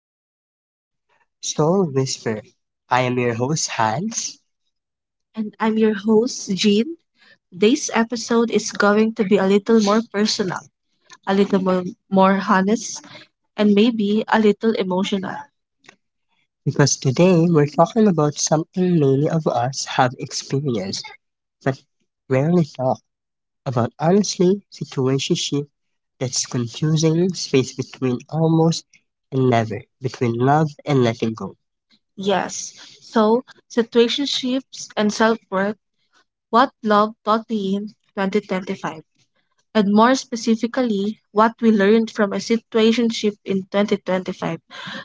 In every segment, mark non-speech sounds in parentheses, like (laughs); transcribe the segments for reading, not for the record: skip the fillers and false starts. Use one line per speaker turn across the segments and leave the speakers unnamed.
back to the Soul Whisper. I am your host Hans. And I'm your host, Jean. This episode is going to be a little more personal, a little more honest, and maybe a little emotional. Because today we're talking about something many of us have experienced but rarely talk about honestly, situationship, that's confusing space between almost and never, between love and letting go. Yes. So, situationships and self work, what love taught me in 2025, and more specifically, what we learned from a situationship in 2025,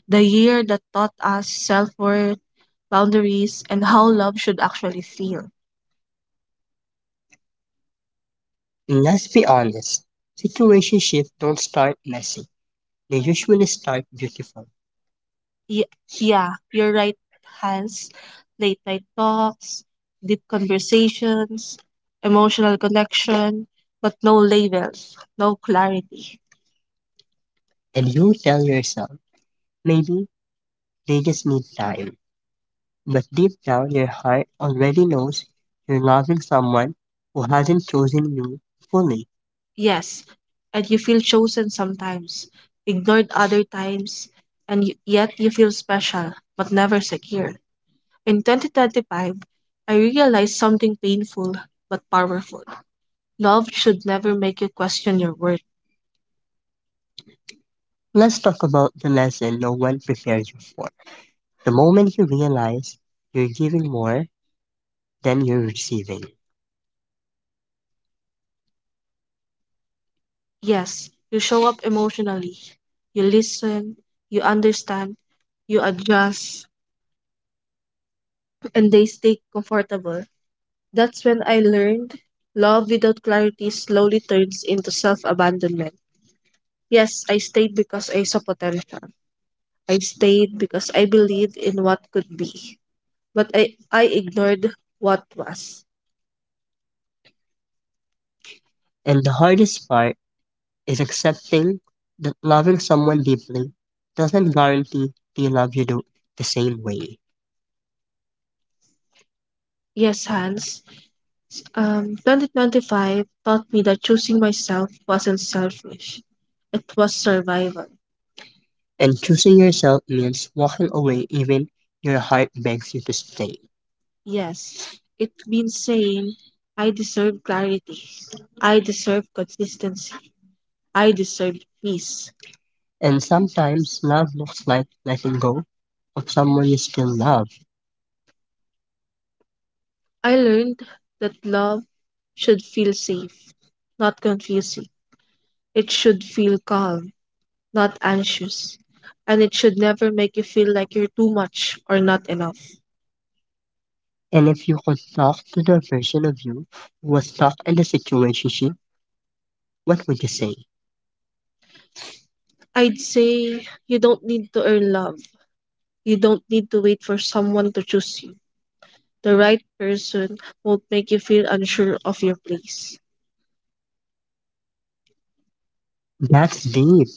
the year that taught us self worth, boundaries, and how love should actually feel. Let's be honest, situationships don't start messy. They usually start beautiful. Ye- Yeah, you're right, Hans. Late night talks, deep conversations, emotional connection, but no labels, no clarity. And you tell yourself, maybe they just need time. But deep down, your heart already knows you're loving someone who hasn't chosen you fully. Yes, and you feel chosen sometimes, ignored other times, and yet you feel special, but never secure. In 2025, I realized something painful but powerful. Love should never make you question your worth. Let's talk about the lesson no one prepares you for. The moment you realize you're giving more than you're receiving. Yes, you show up emotionally. You listen, you understand, you adjust, and they stay comfortable. That's when I learned love without clarity slowly turns into self abandonment. Yes, I stayed because I saw potential. I stayed because I believed in what could be. But I ignored what was. And the hardest part is accepting that loving someone deeply doesn't guarantee they love you the same way. Yes, Hans. 2025 taught me that choosing myself wasn't selfish. It was survival. And choosing yourself means walking away even your heart begs you to stay. Yes, it means saying, I deserve clarity. I deserve consistency. I deserve peace. And sometimes love looks like letting go of someone you still love. I learned that love should feel safe, not confusing. It should feel calm, not anxious. And it should never make you feel like you're too much or not enough. And if you could talk to the version of you who was stuck in the situation, what would you say? I'd say you don't need to earn love. You don't need to wait for someone to choose you. The right person won't make you feel unsure of your place. That's deep.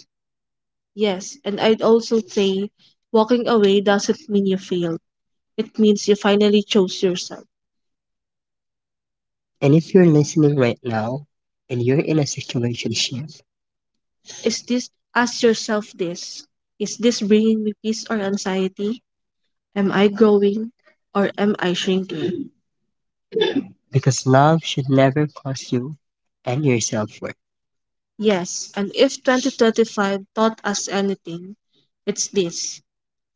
Yes, and I'd also say walking away doesn't mean you failed. It means you finally chose yourself. And if you're listening right now and you're in a situation, is this, ask yourself this. Is this bringing me peace or anxiety? Am I growing or am I shrinking? Because love should never cost you and your self worth. Yes, and if 2025 taught us anything, it's this.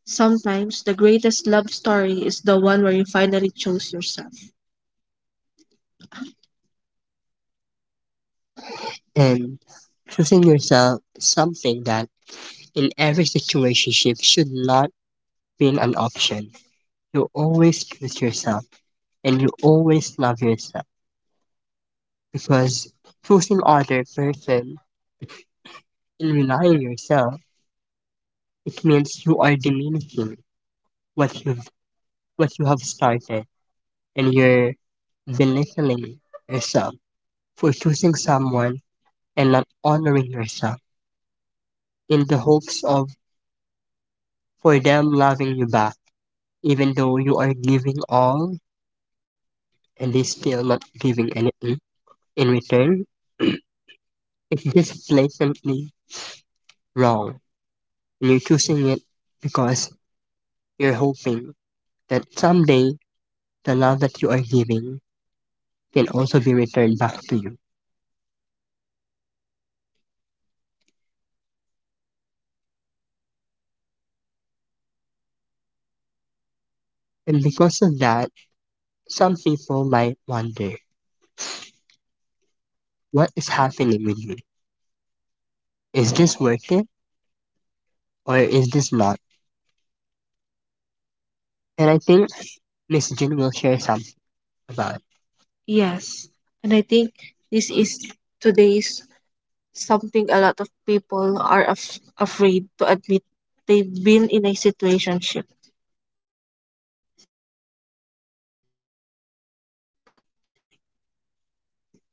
Sometimes the greatest love story is the one where you finally chose yourself. And choosing yourself is something that in every situation should not be an option. You always choose yourself and you always love yourself, because choosing other person and relying yourself, it means you are diminishing what you've what you have started, and you're belittling yourself for choosing someone and not honoring yourself in the hopes of for them loving you back, even though you are giving all and they still not giving anything in return. (clears throat) It's just blatantly wrong, and you're choosing it because you're hoping that someday the love that you are giving can also be returned back to you. And because of that, some people might wonder, what is happening with me? Is this worth it or is this not? And I think Miss Jin will share something about it. Yes, and I think this is today's, something a lot of people are afraid to admit, they've been in a situationship.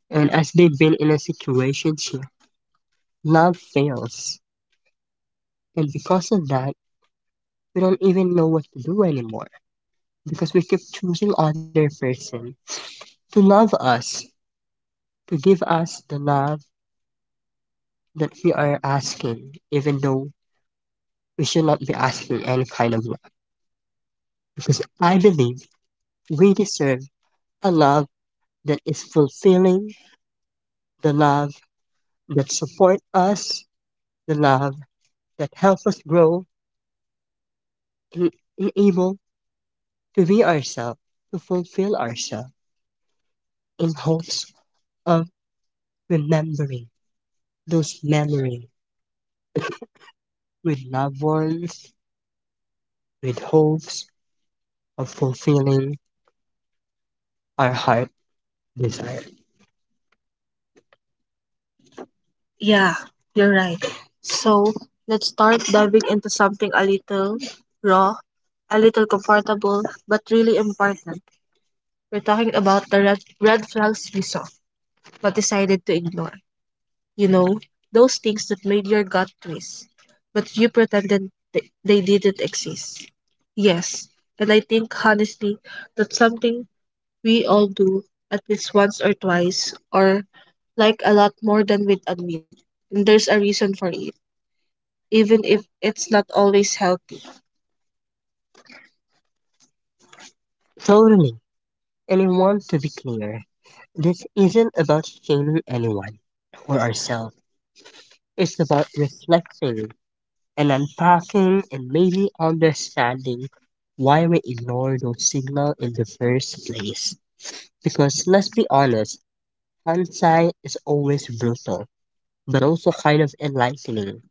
And as they've been in a situation, love fails. And because of that, we don't even know what to do anymore, because we keep choosing other person to love us, to give us the love that we are asking, even though we should not be asking any kind of love. Because I believe we deserve a love that is fulfilling, the love that supports us, the love that helps us grow and enable to be ourselves, to fulfill ourselves in hopes of remembering those memories with loved ones, with hopes of fulfilling our heart desire. Yeah, you're right. So let's start diving into something a little raw, a little comfortable, but really important. We're talking about the red flags we saw, but decided to ignore. You know, those things that made your gut twist, but you pretended they didn't exist. Yes, and I think honestly that's something we all do at least once or twice, or like a lot more than we'd admit. And there's a reason for it even if it's not always healthy. Totally. And I want to be clear, this isn't about shaming anyone or ourselves. It's about reflecting and unpacking and maybe understanding why we ignore those signals in the first place. Because let's be honest, hindsight is always brutal, but also kind of enlightening.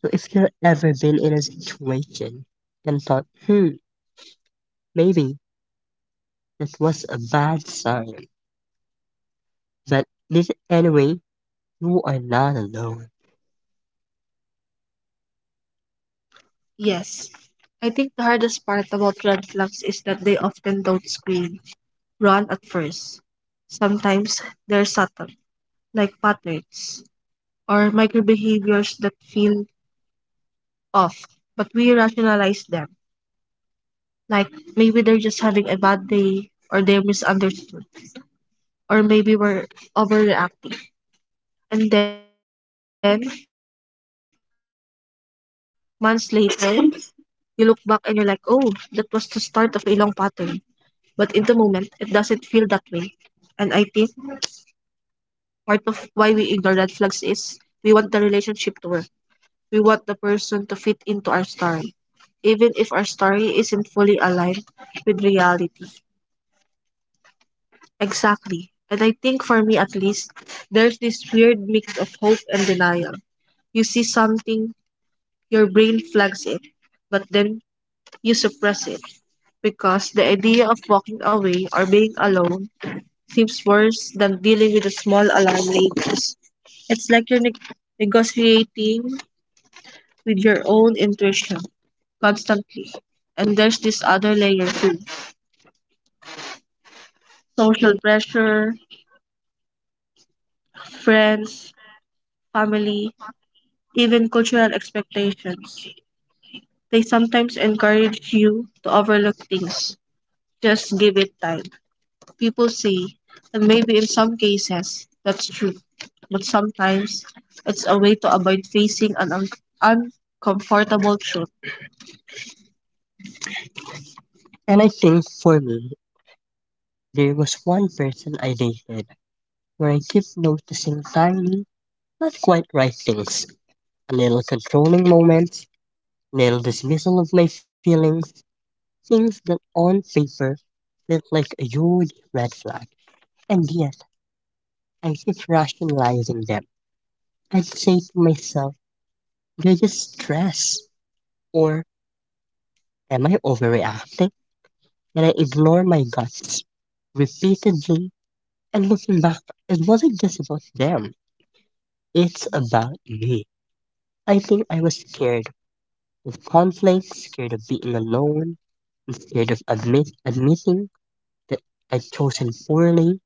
So if you've ever been in a situation and thought, hmm, maybe that was a bad sign, but listen anyway, you are not alone. Yes. I think the hardest part about red flags is that they often don't scream, run at first. Sometimes they're subtle, like patterns or microbehaviors that feel off, but we rationalize them. Like maybe they're just having a bad day, or they're misunderstood, or maybe we're overreacting. And then months later, you look back and you're like, oh, that was the start of a long pattern. But in the moment, it doesn't feel that way. And I think part of why we ignore red flags is we want the relationship to work. We want the person to fit into our story, even if our story isn't fully aligned with reality. Exactly. And I think for me at least, there's this weird mix of hope and denial. You see something, your brain flags it, but then you suppress it because the idea of walking away or being alone seems worse than dealing with the small alarm labels. It's like you're negotiating with your own intuition constantly. And there's this other layer too, social pressure, friends, family, even cultural expectations. They sometimes encourage you to overlook things. Just give it time, people say, and maybe in some cases that's true, but sometimes it's a way to avoid facing an uncomfortable truth. And I think for me, there was one person I dated where I kept noticing tiny, not quite right things. A little controlling moments, little dismissal of my feelings, things that on paper felt like a huge red flag. And yet, I kept rationalizing them. I'd say to myself, they're just stress. Or am I overreacting? Did I ignore my guts repeatedly? And looking back, it wasn't just about them. It's about me. I think I was scared of conflict, scared of being alone, and scared of admitting that I'd chosen poorly.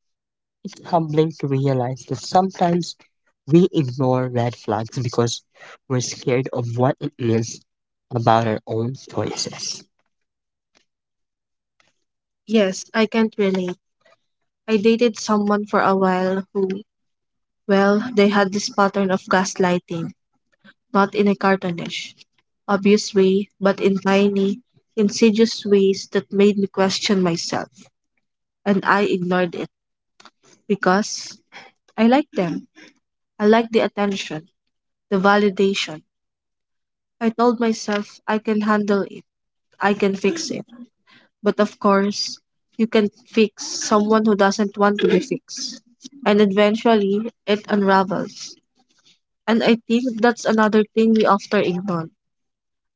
It's humbling to realize that sometimes we ignore red flags because we're scared of what it means about our own choices. Yes, I can't relate. I dated someone for a while who, well, they had this pattern of gaslighting, not in a cartoonish, obvious way, but in tiny, insidious ways that made me question myself. And I ignored it because I liked them. I liked the attention, the validation. I told myself I can handle it, I can fix it. But of course, you can fix someone who doesn't want to be fixed. And eventually, it unravels. And I think that's another thing we often ignore,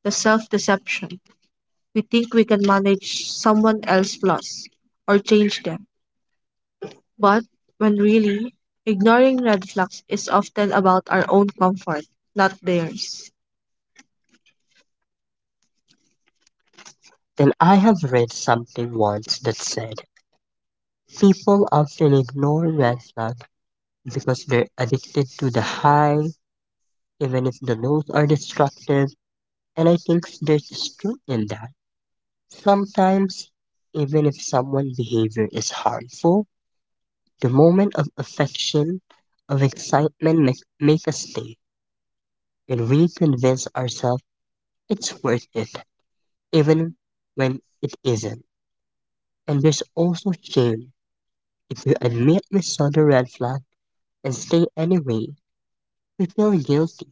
the self deception. We think we can manage someone else's flaws or change them. But when really, ignoring red flags is often about our own comfort, not theirs. Then I have read something once that said people often ignore red flags because they're addicted to the high, even if the lows are destructive, and I think there's truth in that. Sometimes, even if someone's behavior is harmful, the moment of affection, of excitement make us stay, and we convince ourselves it's worth it, even when it isn't. And there's also shame. If we admit we saw the red flag and stay anyway, we feel guilty,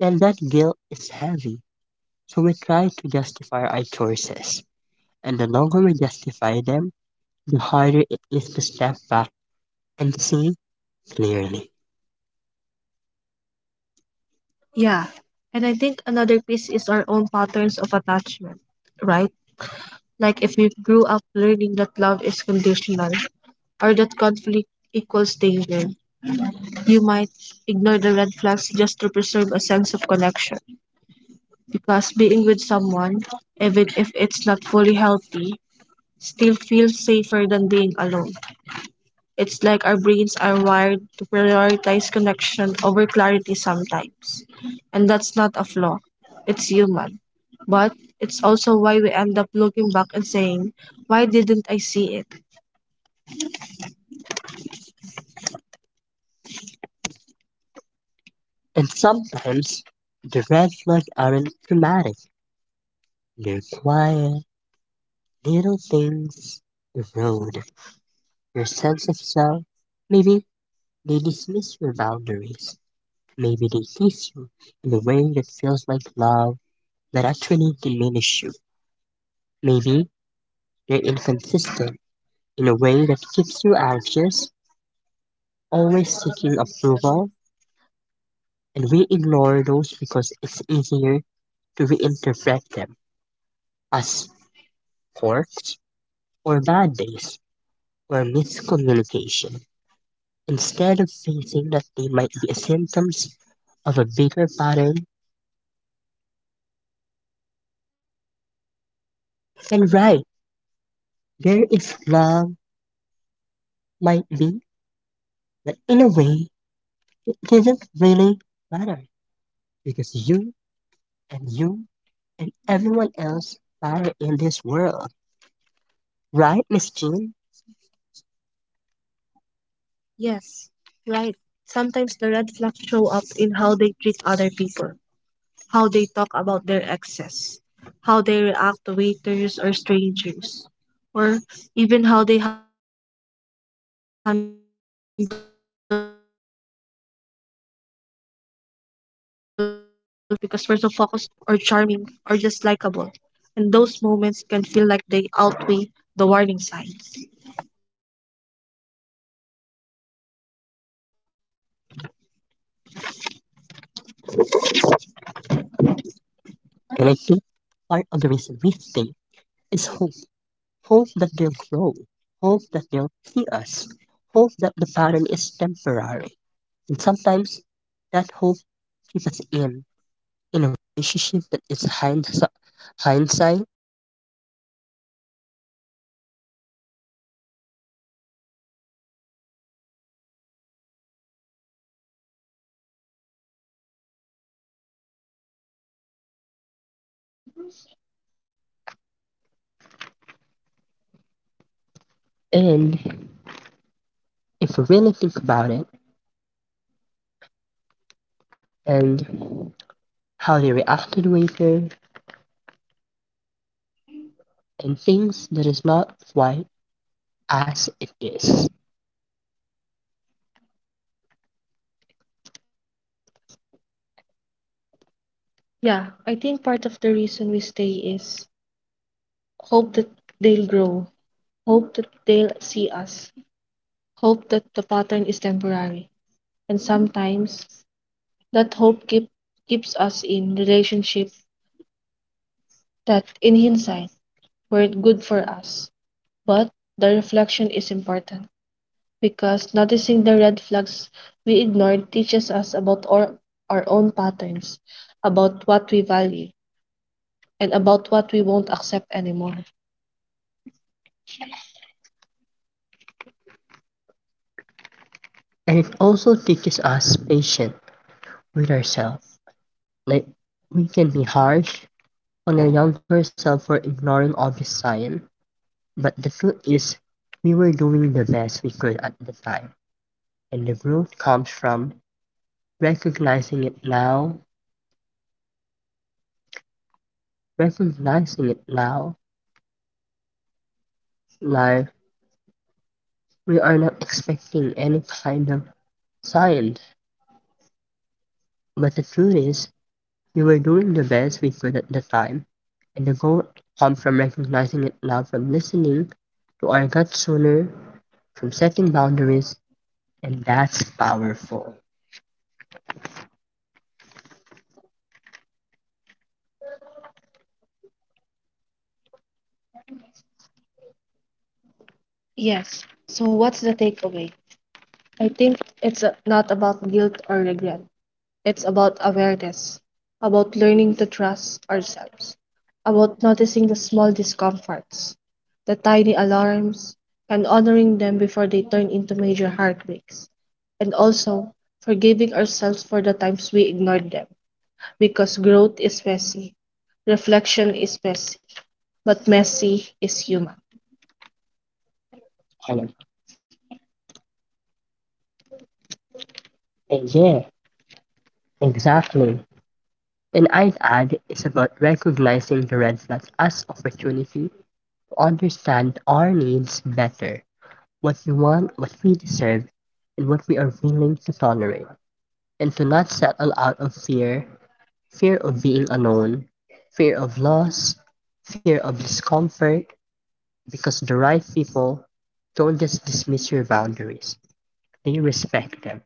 and that guilt is heavy. So we try to justify our choices, and the longer we justify them, the harder it is to step back and see clearly. Yeah. And I think another piece is our own patterns of attachment, right? Like if we grew up learning that love is conditional or that conflict equals danger, you might ignore the red flags just to preserve a sense of connection. Because being with someone, even if it's not fully healthy, still feels safer than being alone. It's like our brains are wired to prioritize connection over clarity sometimes. And that's not a flaw, it's human. But it's also why we end up looking back and saying, why didn't I see it? And sometimes the red flags aren't dramatic. They're quiet, little things. Erode your sense of self. Maybe they dismiss your boundaries. Maybe they kiss you in a way that feels like love, but actually diminishes you. Maybe they're inconsistent in a way that keeps you anxious, always seeking approval, and we ignore those because it's easier to reinterpret them as quirks or bad days or miscommunication instead of facing that they might be symptoms of a bigger pattern. And right, there is love might be, but in a way, it doesn't really matter because you and you and everyone else matter in this world. Right, Miss Jean? Yes, right. Sometimes the red flags show up in how they treat other people, how they talk about their exes, how they react to waiters or strangers, or even how they handle frustration. And we might ignore it because we're so focused on the moments where they're sweet or charming or just likable. And those moments can feel like they outweigh the warning signs. And I think part of the reason we stay is hope. Hope that they'll grow. Hope that they'll see us. Hope that the pattern is temporary. And sometimes that hope keeps us in
And if we really think about it and how they reacted with it and things that is not quite as it is. Yeah, I think part of the reason we stay is hope that they'll grow, hope that they'll see us, hope that the pattern is temporary. And sometimes that keeps us in relationship that in hindsight were good for us. But the reflection is important, because noticing the red flags we ignored teaches us about our own patterns, about what we value, and about what we won't accept anymore. And it also teaches us patience with ourselves. Like, we can be harsh on our younger self for ignoring obvious signs, but the truth is, we were doing the best we could at the time. And the growth comes from recognizing it now, recognizing it now, like we are not expecting any kind of science, but the truth is, we were doing the best we could at the time, and the goal comes from recognizing it now, from listening to our gut sooner, from setting boundaries, and that's powerful. Yes. So what's the takeaway? I think it's not about guilt or regret. It's about awareness, about learning to trust ourselves, about noticing the small discomforts, the tiny alarms, and honoring them before they turn into major heartbreaks, and also forgiving ourselves for the times we ignored them, because growth is messy, reflection is messy, but messy is human. And, and yeah, exactly. And I'd add it's about recognizing the red flags as opportunity to understand our needs better, what we want, what we deserve, and what we are willing to tolerate, and to not settle out of fear, fear of being alone, fear of loss, fear of discomfort, because the right people don't just dismiss your boundaries, they respect them.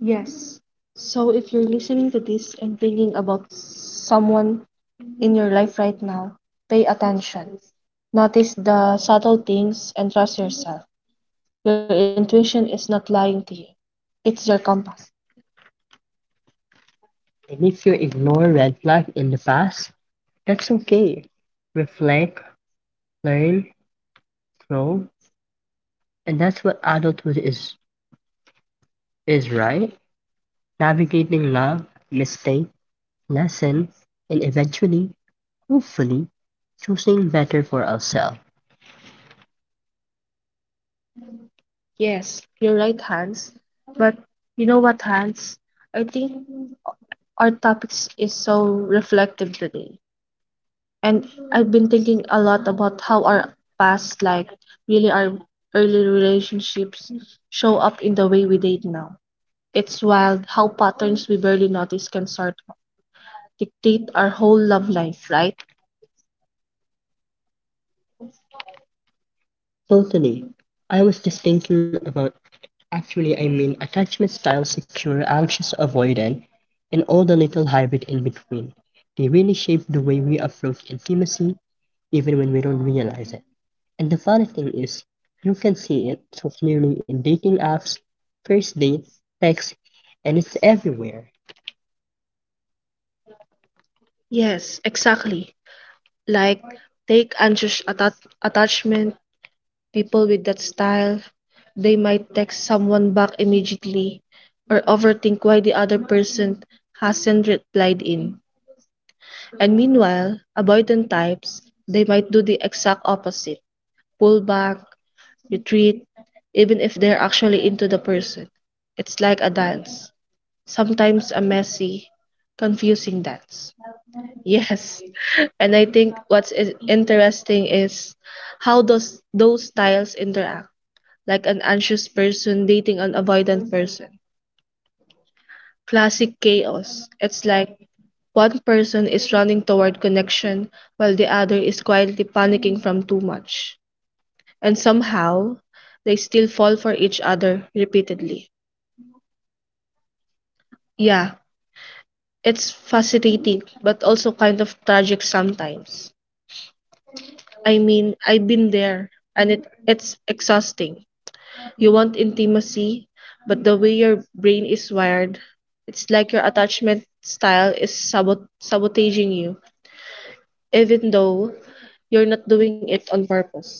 Yes. So if you're listening to this and thinking about someone in your life right now, pay attention. Notice the subtle things and trust yourself. Your intuition is not lying to you, it's your compass. And if you ignore red flags in the past, that's okay. Reflect, learn, grow, and that's what adulthood is, right? Navigating love, mistake, lesson, and eventually, hopefully, choosing better for ourselves. Yes, you're right, Hans. But you know what, Hans? I think our topics is so reflective today. And I've been thinking a lot about how our past, like really our early relationships, show up in the way we date now. It's wild how patterns we barely notice can sort of dictate our whole love life, right? Totally. I was just thinking about, actually, I mean, attachment style, secure, anxious, avoidant, and all the little hybrid in between. They really shape the way we approach intimacy, even when we don't realize it. And the funny thing is, you can see it so clearly in dating apps, first dates, texts, and it's everywhere. Yes, exactly. Like, take attachment. People with that style, they might text someone back immediately or overthink why the other person hasn't replied in. And meanwhile, avoidant types, they might do the exact opposite, pull back, retreat, even if they're actually into the person. It's like a dance, sometimes a messy, confusing dance. Yes. And I think what's interesting is how those styles interact, like an anxious person dating an avoidant person. Classic chaos. It's like one person is running toward connection while the other is quietly panicking from too much. And somehow, they still fall for each other repeatedly. Yeah, it's fascinating, but also kind of tragic sometimes. I mean, I've been there and it's exhausting. You want intimacy, but the way your brain is wired, it's like your attachment style is sabotaging you, even though you're not doing it on purpose.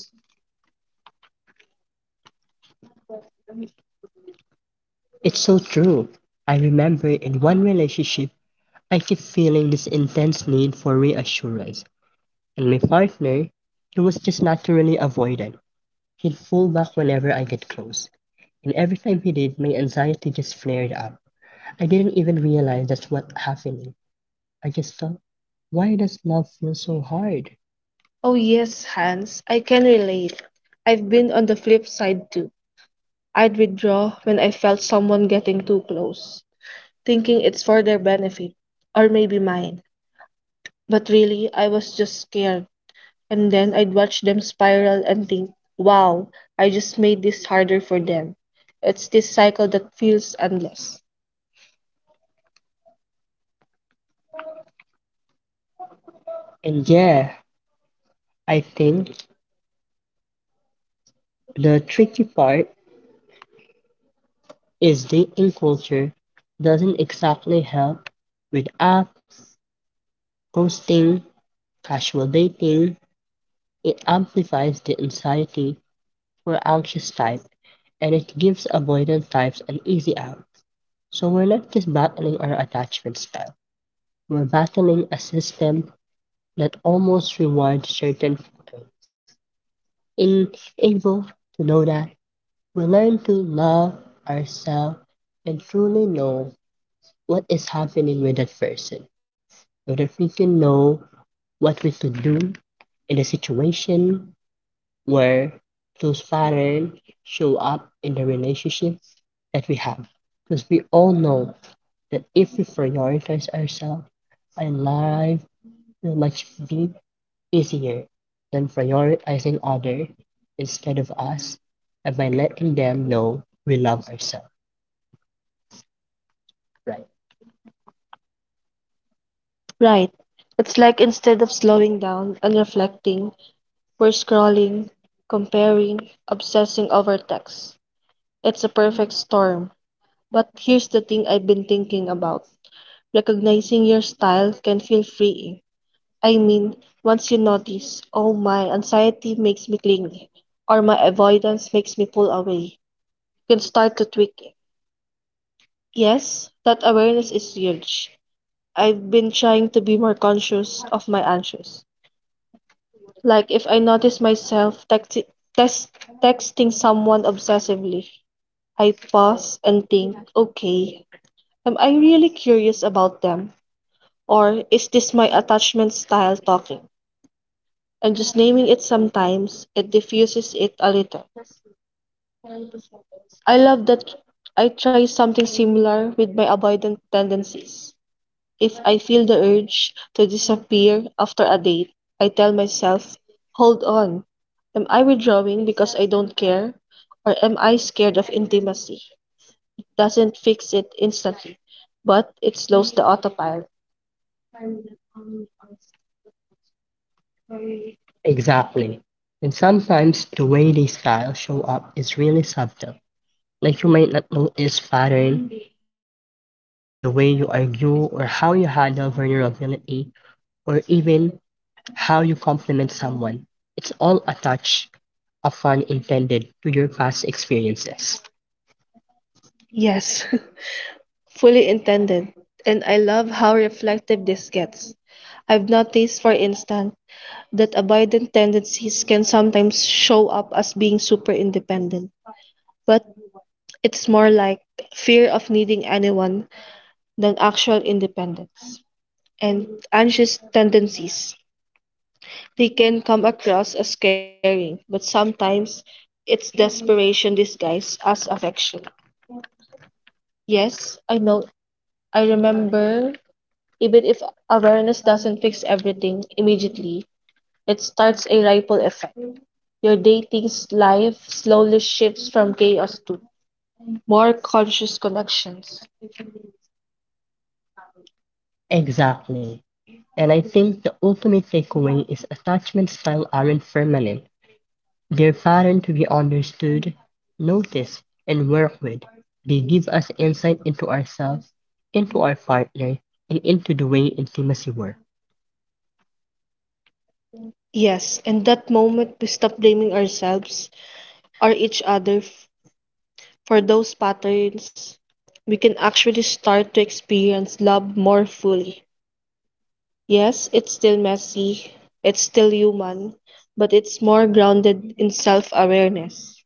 It's so true. I remember in one relationship, I kept feeling this intense need for reassurance, and my partner, he was just naturally avoidant. He'd pull back whenever I get close, and every time he did, my anxiety just flared up. I didn't even realize that's what happening. I just thought, why does love feel so hard? Oh, yes, Hans, I can relate. I've been on the flip side too. I'd withdraw when I felt someone getting too close, thinking it's for their benefit, or maybe mine. But really, I was just scared. And then I'd watch them spiral and think, wow, I just made this harder for them. It's this cycle that feels endless. And yeah, I think the tricky part is dating culture doesn't exactly help, with apps, ghosting, casual dating. It amplifies the anxiety for anxious type and it gives avoidant types an easy out. So we're not just battling our attachment style. We're battling a system that almost rewards certain people. In able to know that, we learn to love ourselves and truly know what is happening with that person. So that we can know what we should do in the situation where those patterns show up in the relationship that we have. Because we all know that if we prioritize ourselves, our life will much be easier than prioritizing others instead of us and by letting them know we love ourselves, right? Right. It's like instead of slowing down and reflecting, we're scrolling, comparing, obsessing over text. It's a perfect storm. But here's the thing I've been thinking about, recognizing your style can feel freeing. I mean, once you notice, oh, my anxiety makes me clingy, or my avoidance makes me pull away, you can start to tweak it. Yes, that awareness is huge. I've been trying to be more conscious of my anxious. Like if I notice myself text- texting someone obsessively, I pause and think, okay, am I really curious about them? Or is this my attachment style talking? And just naming it sometimes, it diffuses it a little. I love that. I try something similar with my avoidant tendencies. If I feel the urge to disappear after a date, I tell myself, hold on. Am I withdrawing because I don't care? Or am I scared of intimacy? It doesn't fix it instantly, but it slows the autopilot. Exactly. And sometimes the way these styles show up is really subtle. Like you might not notice pattern in the way you argue or how you handle vulnerability or even how you compliment someone, it's all a touch of fun intended to your past experiences. Yes, (laughs) fully intended. And I love how reflective this gets. I've noticed, for instance, that abiding tendencies can sometimes show up as being super independent, but it's more like fear of needing anyone than actual independence. And anxious tendencies, they can come across as caring, but sometimes it's desperation disguised as affection. Yes, I know. I remember. Even if awareness doesn't fix everything immediately, it starts a ripple effect. Your dating's life slowly shifts from chaos to more conscious connections. Exactly. And I think the ultimate takeaway is attachment style aren't permanent. Their pattern to be understood, noticed, and worked with, they give us insight into ourselves, into our partner, and into the way intimacy works. Yes, in that moment we stop blaming ourselves or each for those patterns, we can actually start to experience love more fully. Yes, it's still messy, it's still human, but it's more grounded in self awareness.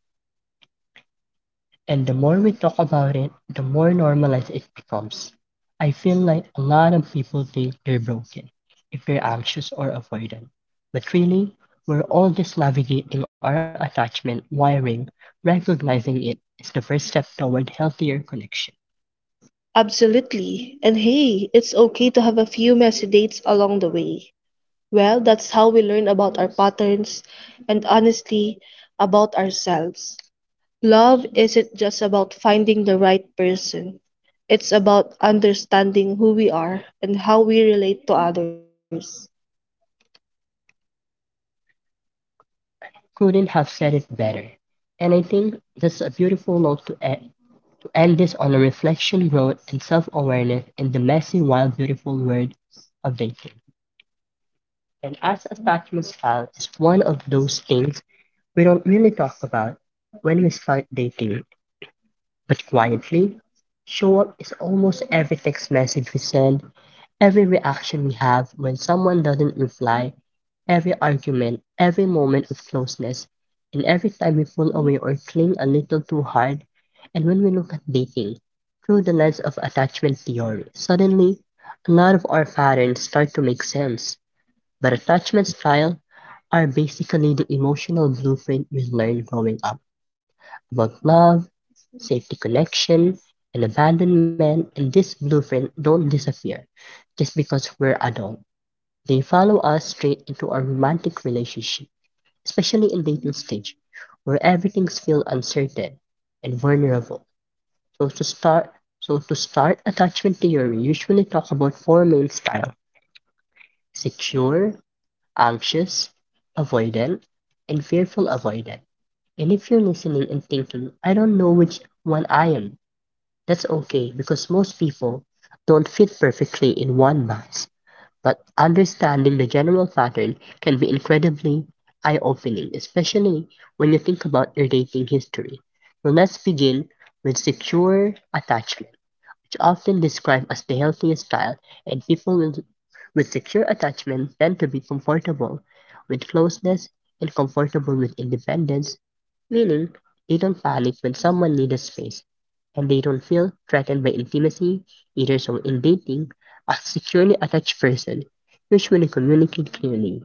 And the more we talk about it, the more normalized it becomes. I feel like a lot of people think they're broken if they're anxious or avoidant, but really, we're all just navigating our attachment wiring, recognizing it is the first step toward healthier connection. Absolutely. And hey, it's okay to have a few messy dates along the way. Well, that's how we learn about our patterns and honestly, about ourselves. Love isn't just about finding the right person. It's about understanding who we are and how we relate to others. Couldn't have said it better. And I think that's a beautiful note to end this on, a reflection, growth, and self awareness in the messy, wild, beautiful world of dating. And as attachment style is one of those things we don't really talk about when we start dating. But quietly, show up is almost every text message we send, every reaction we have when someone doesn't reply, every argument, every moment of closeness, and every time we pull away or cling a little too hard. And when we look at dating through the lens of attachment theory, suddenly a lot of our patterns start to make sense. But attachment style are basically the emotional blueprint we learned growing up about love, safety connection, and abandonment, and this blueprint don't disappear just because we're adult. They follow us straight into our romantic relationship, especially in dating stage, where everything's feel uncertain and vulnerable. So to start so to start attachment theory usually talk about four main style, secure, anxious, avoidant, and fearful avoidant. And if you're listening and thinking, I don't know which one I am, that's okay because most people don't fit perfectly in one box, but understanding the general pattern can be incredibly eye opening, especially when you think about your dating history. So let's begin with secure attachment, which often described as the healthiest style, and people with secure attachment tend to be comfortable with closeness and comfortable with independence, meaning they don't panic when someone needs space, and they don't feel threatened by intimacy either. So, in dating, a securely attached person usually communicates clearly.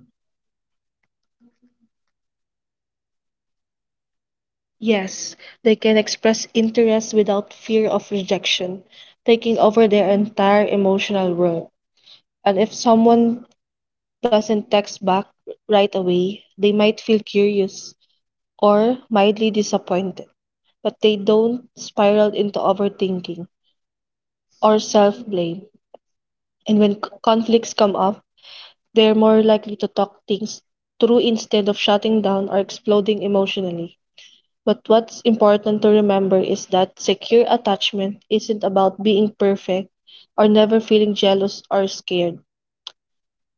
Yes, they can express interest without fear of rejection, taking over their entire emotional world. And if someone doesn't text back right away, they might feel curious or mildly disappointed, but they don't spiral into overthinking or self blame. And when conflicts come up, they're more likely to talk things through instead of shutting down or exploding emotionally. But what's important to remember is that secure attachment isn't about being perfect or never feeling jealous or scared.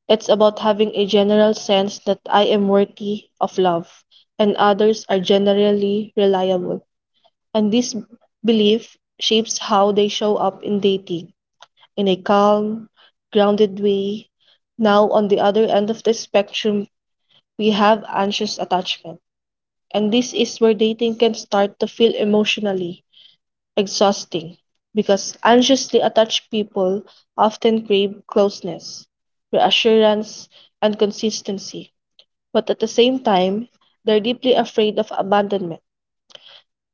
It's about having a general sense that I am worthy of love, and others are generally reliable. And this belief shapes how they show up in dating in a calm, grounded way. Now, on the other end of the spectrum, we have anxious attachment. And this is where dating can start to feel emotionally exhausting because anxiously attached people often crave closeness, reassurance, and consistency, but at the same time, they're deeply afraid of abandonment.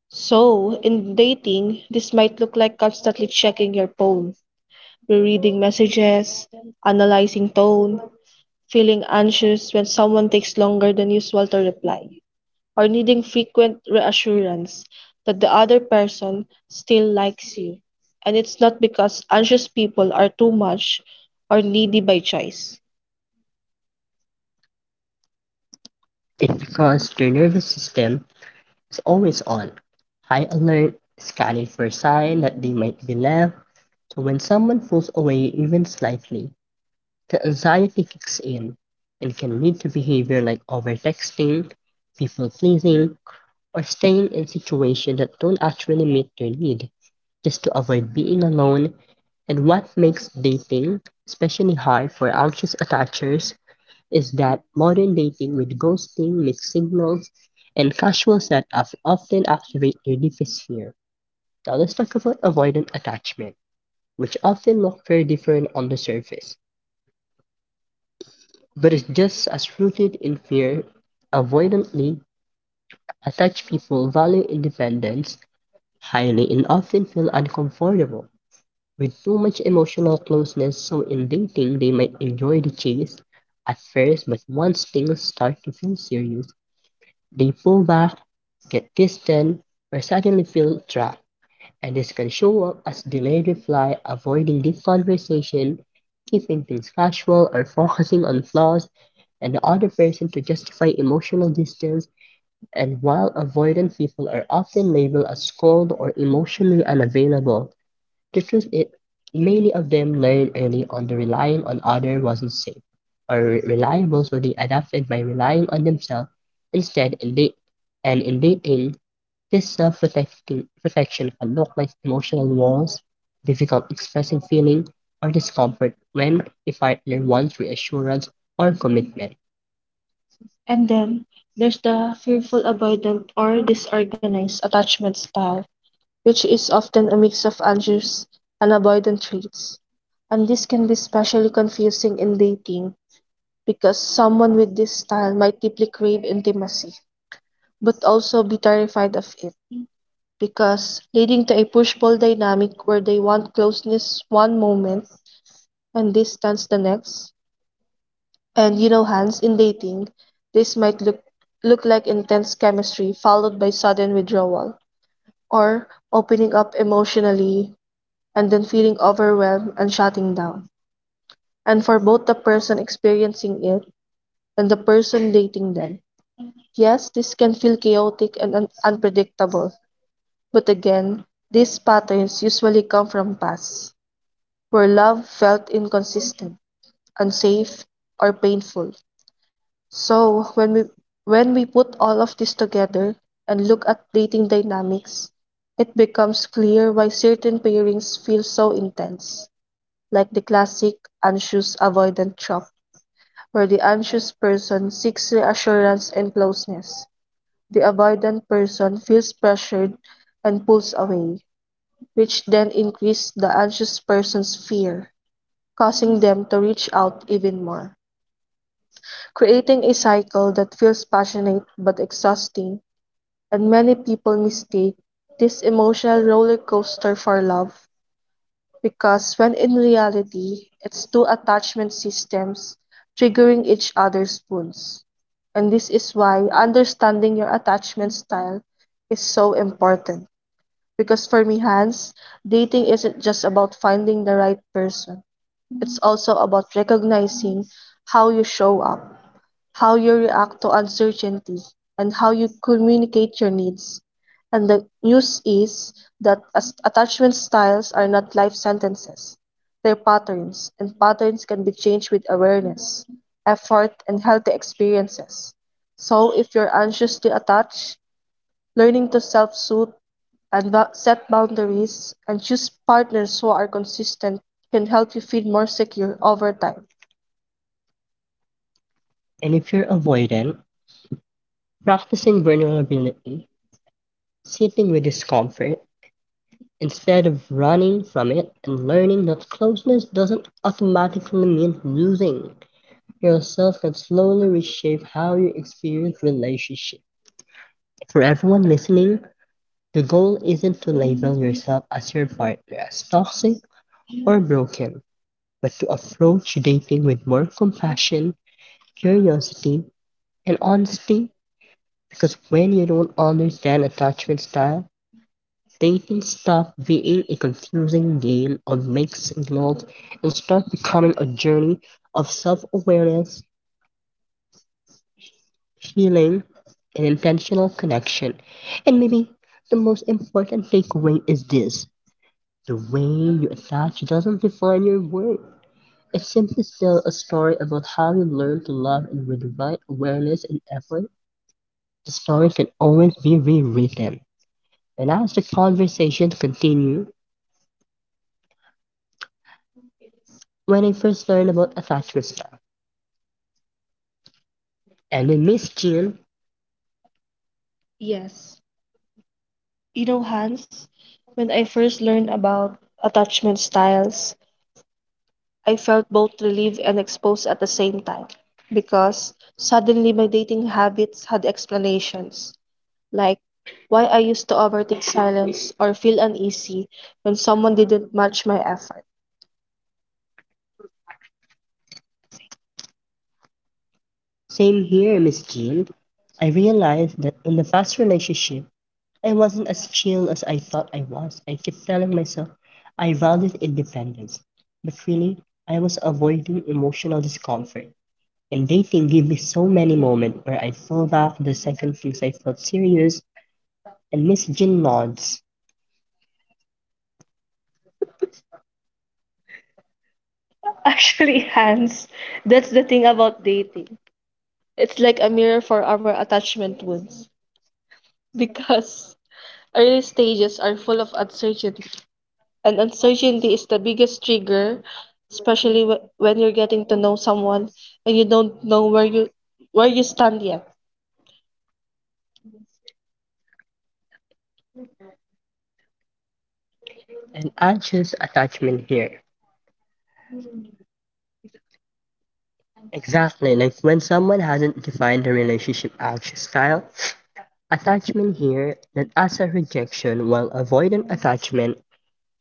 So, in dating, this might look like constantly checking your phone, rereading messages, analyzing tone, feeling anxious when someone takes longer than usual to reply, or needing frequent reassurance that the other person still likes you. And it's not because anxious people are too much or needy by choice. It's because their nervous system is always on. High alert, scanning for a sign that they might be left, so when someone pulls away even slightly, the anxiety kicks in and can lead to behavior like overtexting, people pleasing, or staying in situations that don't actually meet their need, just to avoid being alone. And what makes dating especially hard for anxious attachers is that modern dating with ghosting, mixed signals, and casual setups often activate their deepest fear. Now let's talk about avoidant attachment, which often look very different on the surface, but is just as rooted in fear. Avoidantly attached people value independence highly and often feel uncomfortable with too much emotional closeness, so in dating they might enjoy the chase at first, but once things start to feel serious, the fullback get distant, or suddenly feel trapped, and this can show up as delayed reply, avoiding deep conversation, keeping things casual, or focusing on flaws and the other person to justify emotional distance. And while avoidant people are often labeled as cold or emotionally unavailable, this is it. Many of them learned early on that relying on others wasn't safe or reliable, so they adapted by relying on themselves instead. And in dating, this self protection can look like emotional walls, difficult expressing feeling, or discomfort when a partner wants reassurance or commitment. And then there's the fearful avoidant or disorganized attachment style, which is often a mix of anxious and avoidant traits. And this can be especially confusing in dating because someone with this style might deeply crave intimacy, but also be terrified of it, because leading to a push pull dynamic where they want closeness one moment and distance the next. And you know, Hans, in dating, this might look like intense chemistry followed by sudden withdrawal or opening up emotionally and then feeling overwhelmed and shutting down, and for both the person experiencing it and the person dating them. Yes, this can feel chaotic and unpredictable, but again, these patterns usually come from past, where love felt inconsistent, unsafe, or painful. So, when we put all of this together and look at dating dynamics, it becomes clear why certain pairings feel so intense, like the classic anxious avoidant trap, where the anxious person seeks reassurance and closeness. The avoidant person feels pressured and pulls away, which then increases the anxious person's fear, causing them to reach out even more, creating a cycle that feels passionate but exhausting. And many people mistake this emotional roller coaster for love, because when in reality, it's two attachment systems triggering each other's wounds. And this is why understanding your attachment style is so important. Because for me, Hans, dating isn't just about finding the right person, it's also about recognizing how you show up, how you react to uncertainty, and how you communicate your needs. And the news is that attachment styles are not life sentences, they're patterns, and patterns can be changed with awareness, effort, and healthy experiences. So, if you're anxiously attached, learning to self soothe and set boundaries and choose partners who are consistent can help you feel more secure over time. And if you're avoidant, practicing vulnerability, sitting with discomfort, instead of running from it, and learning that closeness doesn't automatically mean losing yourself can slowly reshape how you experience relationships. For everyone listening, the goal isn't to label yourself as your partner as toxic or broken, but to approach dating with more compassion, curiosity, and honesty, because when you don't understand attachment style, they can stop being a confusing game of mixed signals and start becoming a journey of self awareness, healing, and intentional connection. And maybe the most important takeaway is this: the way you attach doesn't define your worth. It simply tells a story about how you learn to love, and with the right awareness and effort, the story can always be rewritten. And as the conversation continued, when I first learned about attachment style, any mischief? Yes. You know, Hans, when I first learned about attachment styles, I felt both relieved and exposed at the same time, because suddenly my dating habits had explanations, like why I used to overthink silence or feel uneasy when someone didn't match my effort. Same here, Miss Jill. I realized that in the past relationship, I wasn't as chill as I thought I was. I kept telling myself I valued independence, but really, I was avoiding emotional discomfort. And dating gave me so many moments where I fell back the second things I felt serious, and Miss Jean nods. (laughs) Actually, Hans, that's the thing about dating. It's like a mirror for our attachment wounds. Because early stages are full of uncertainty. And uncertainty is the biggest trigger, especially when you're getting to know someone and you don't know where you stand yet. An anxious attachment here. Exactly, like when someone hasn't defined the relationship anxious style, attachment here that as a rejection, while avoidant attachment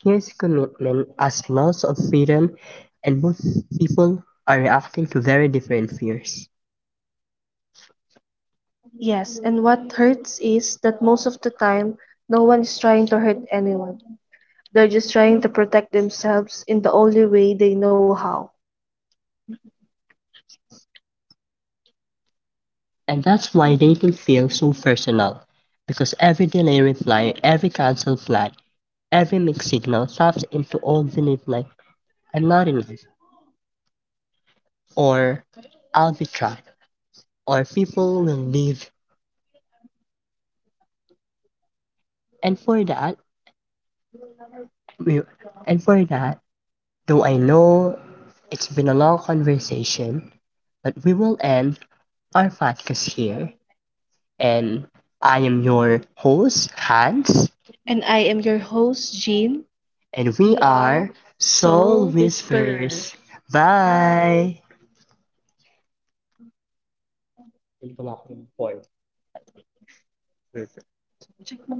here's commitment as loss of freedom, and both people are reacting to very different fears. Yes, and what hurts is that most of the time, no one is trying to hurt anyone. They're just trying to protect themselves in the only way they know how. And that's why dating feels so personal, because every delay reply, every cancel flight, every mixed signal taps into old belief like I'm not enough, or I'll be trapped, or people will leave. And for that, we, and for that, though I know it's been a long conversation, but we will end our podcast here, and I am your host, Hans. And I am your host, Jean. And we are Soul Whisperers. Whisperers. Bye! Check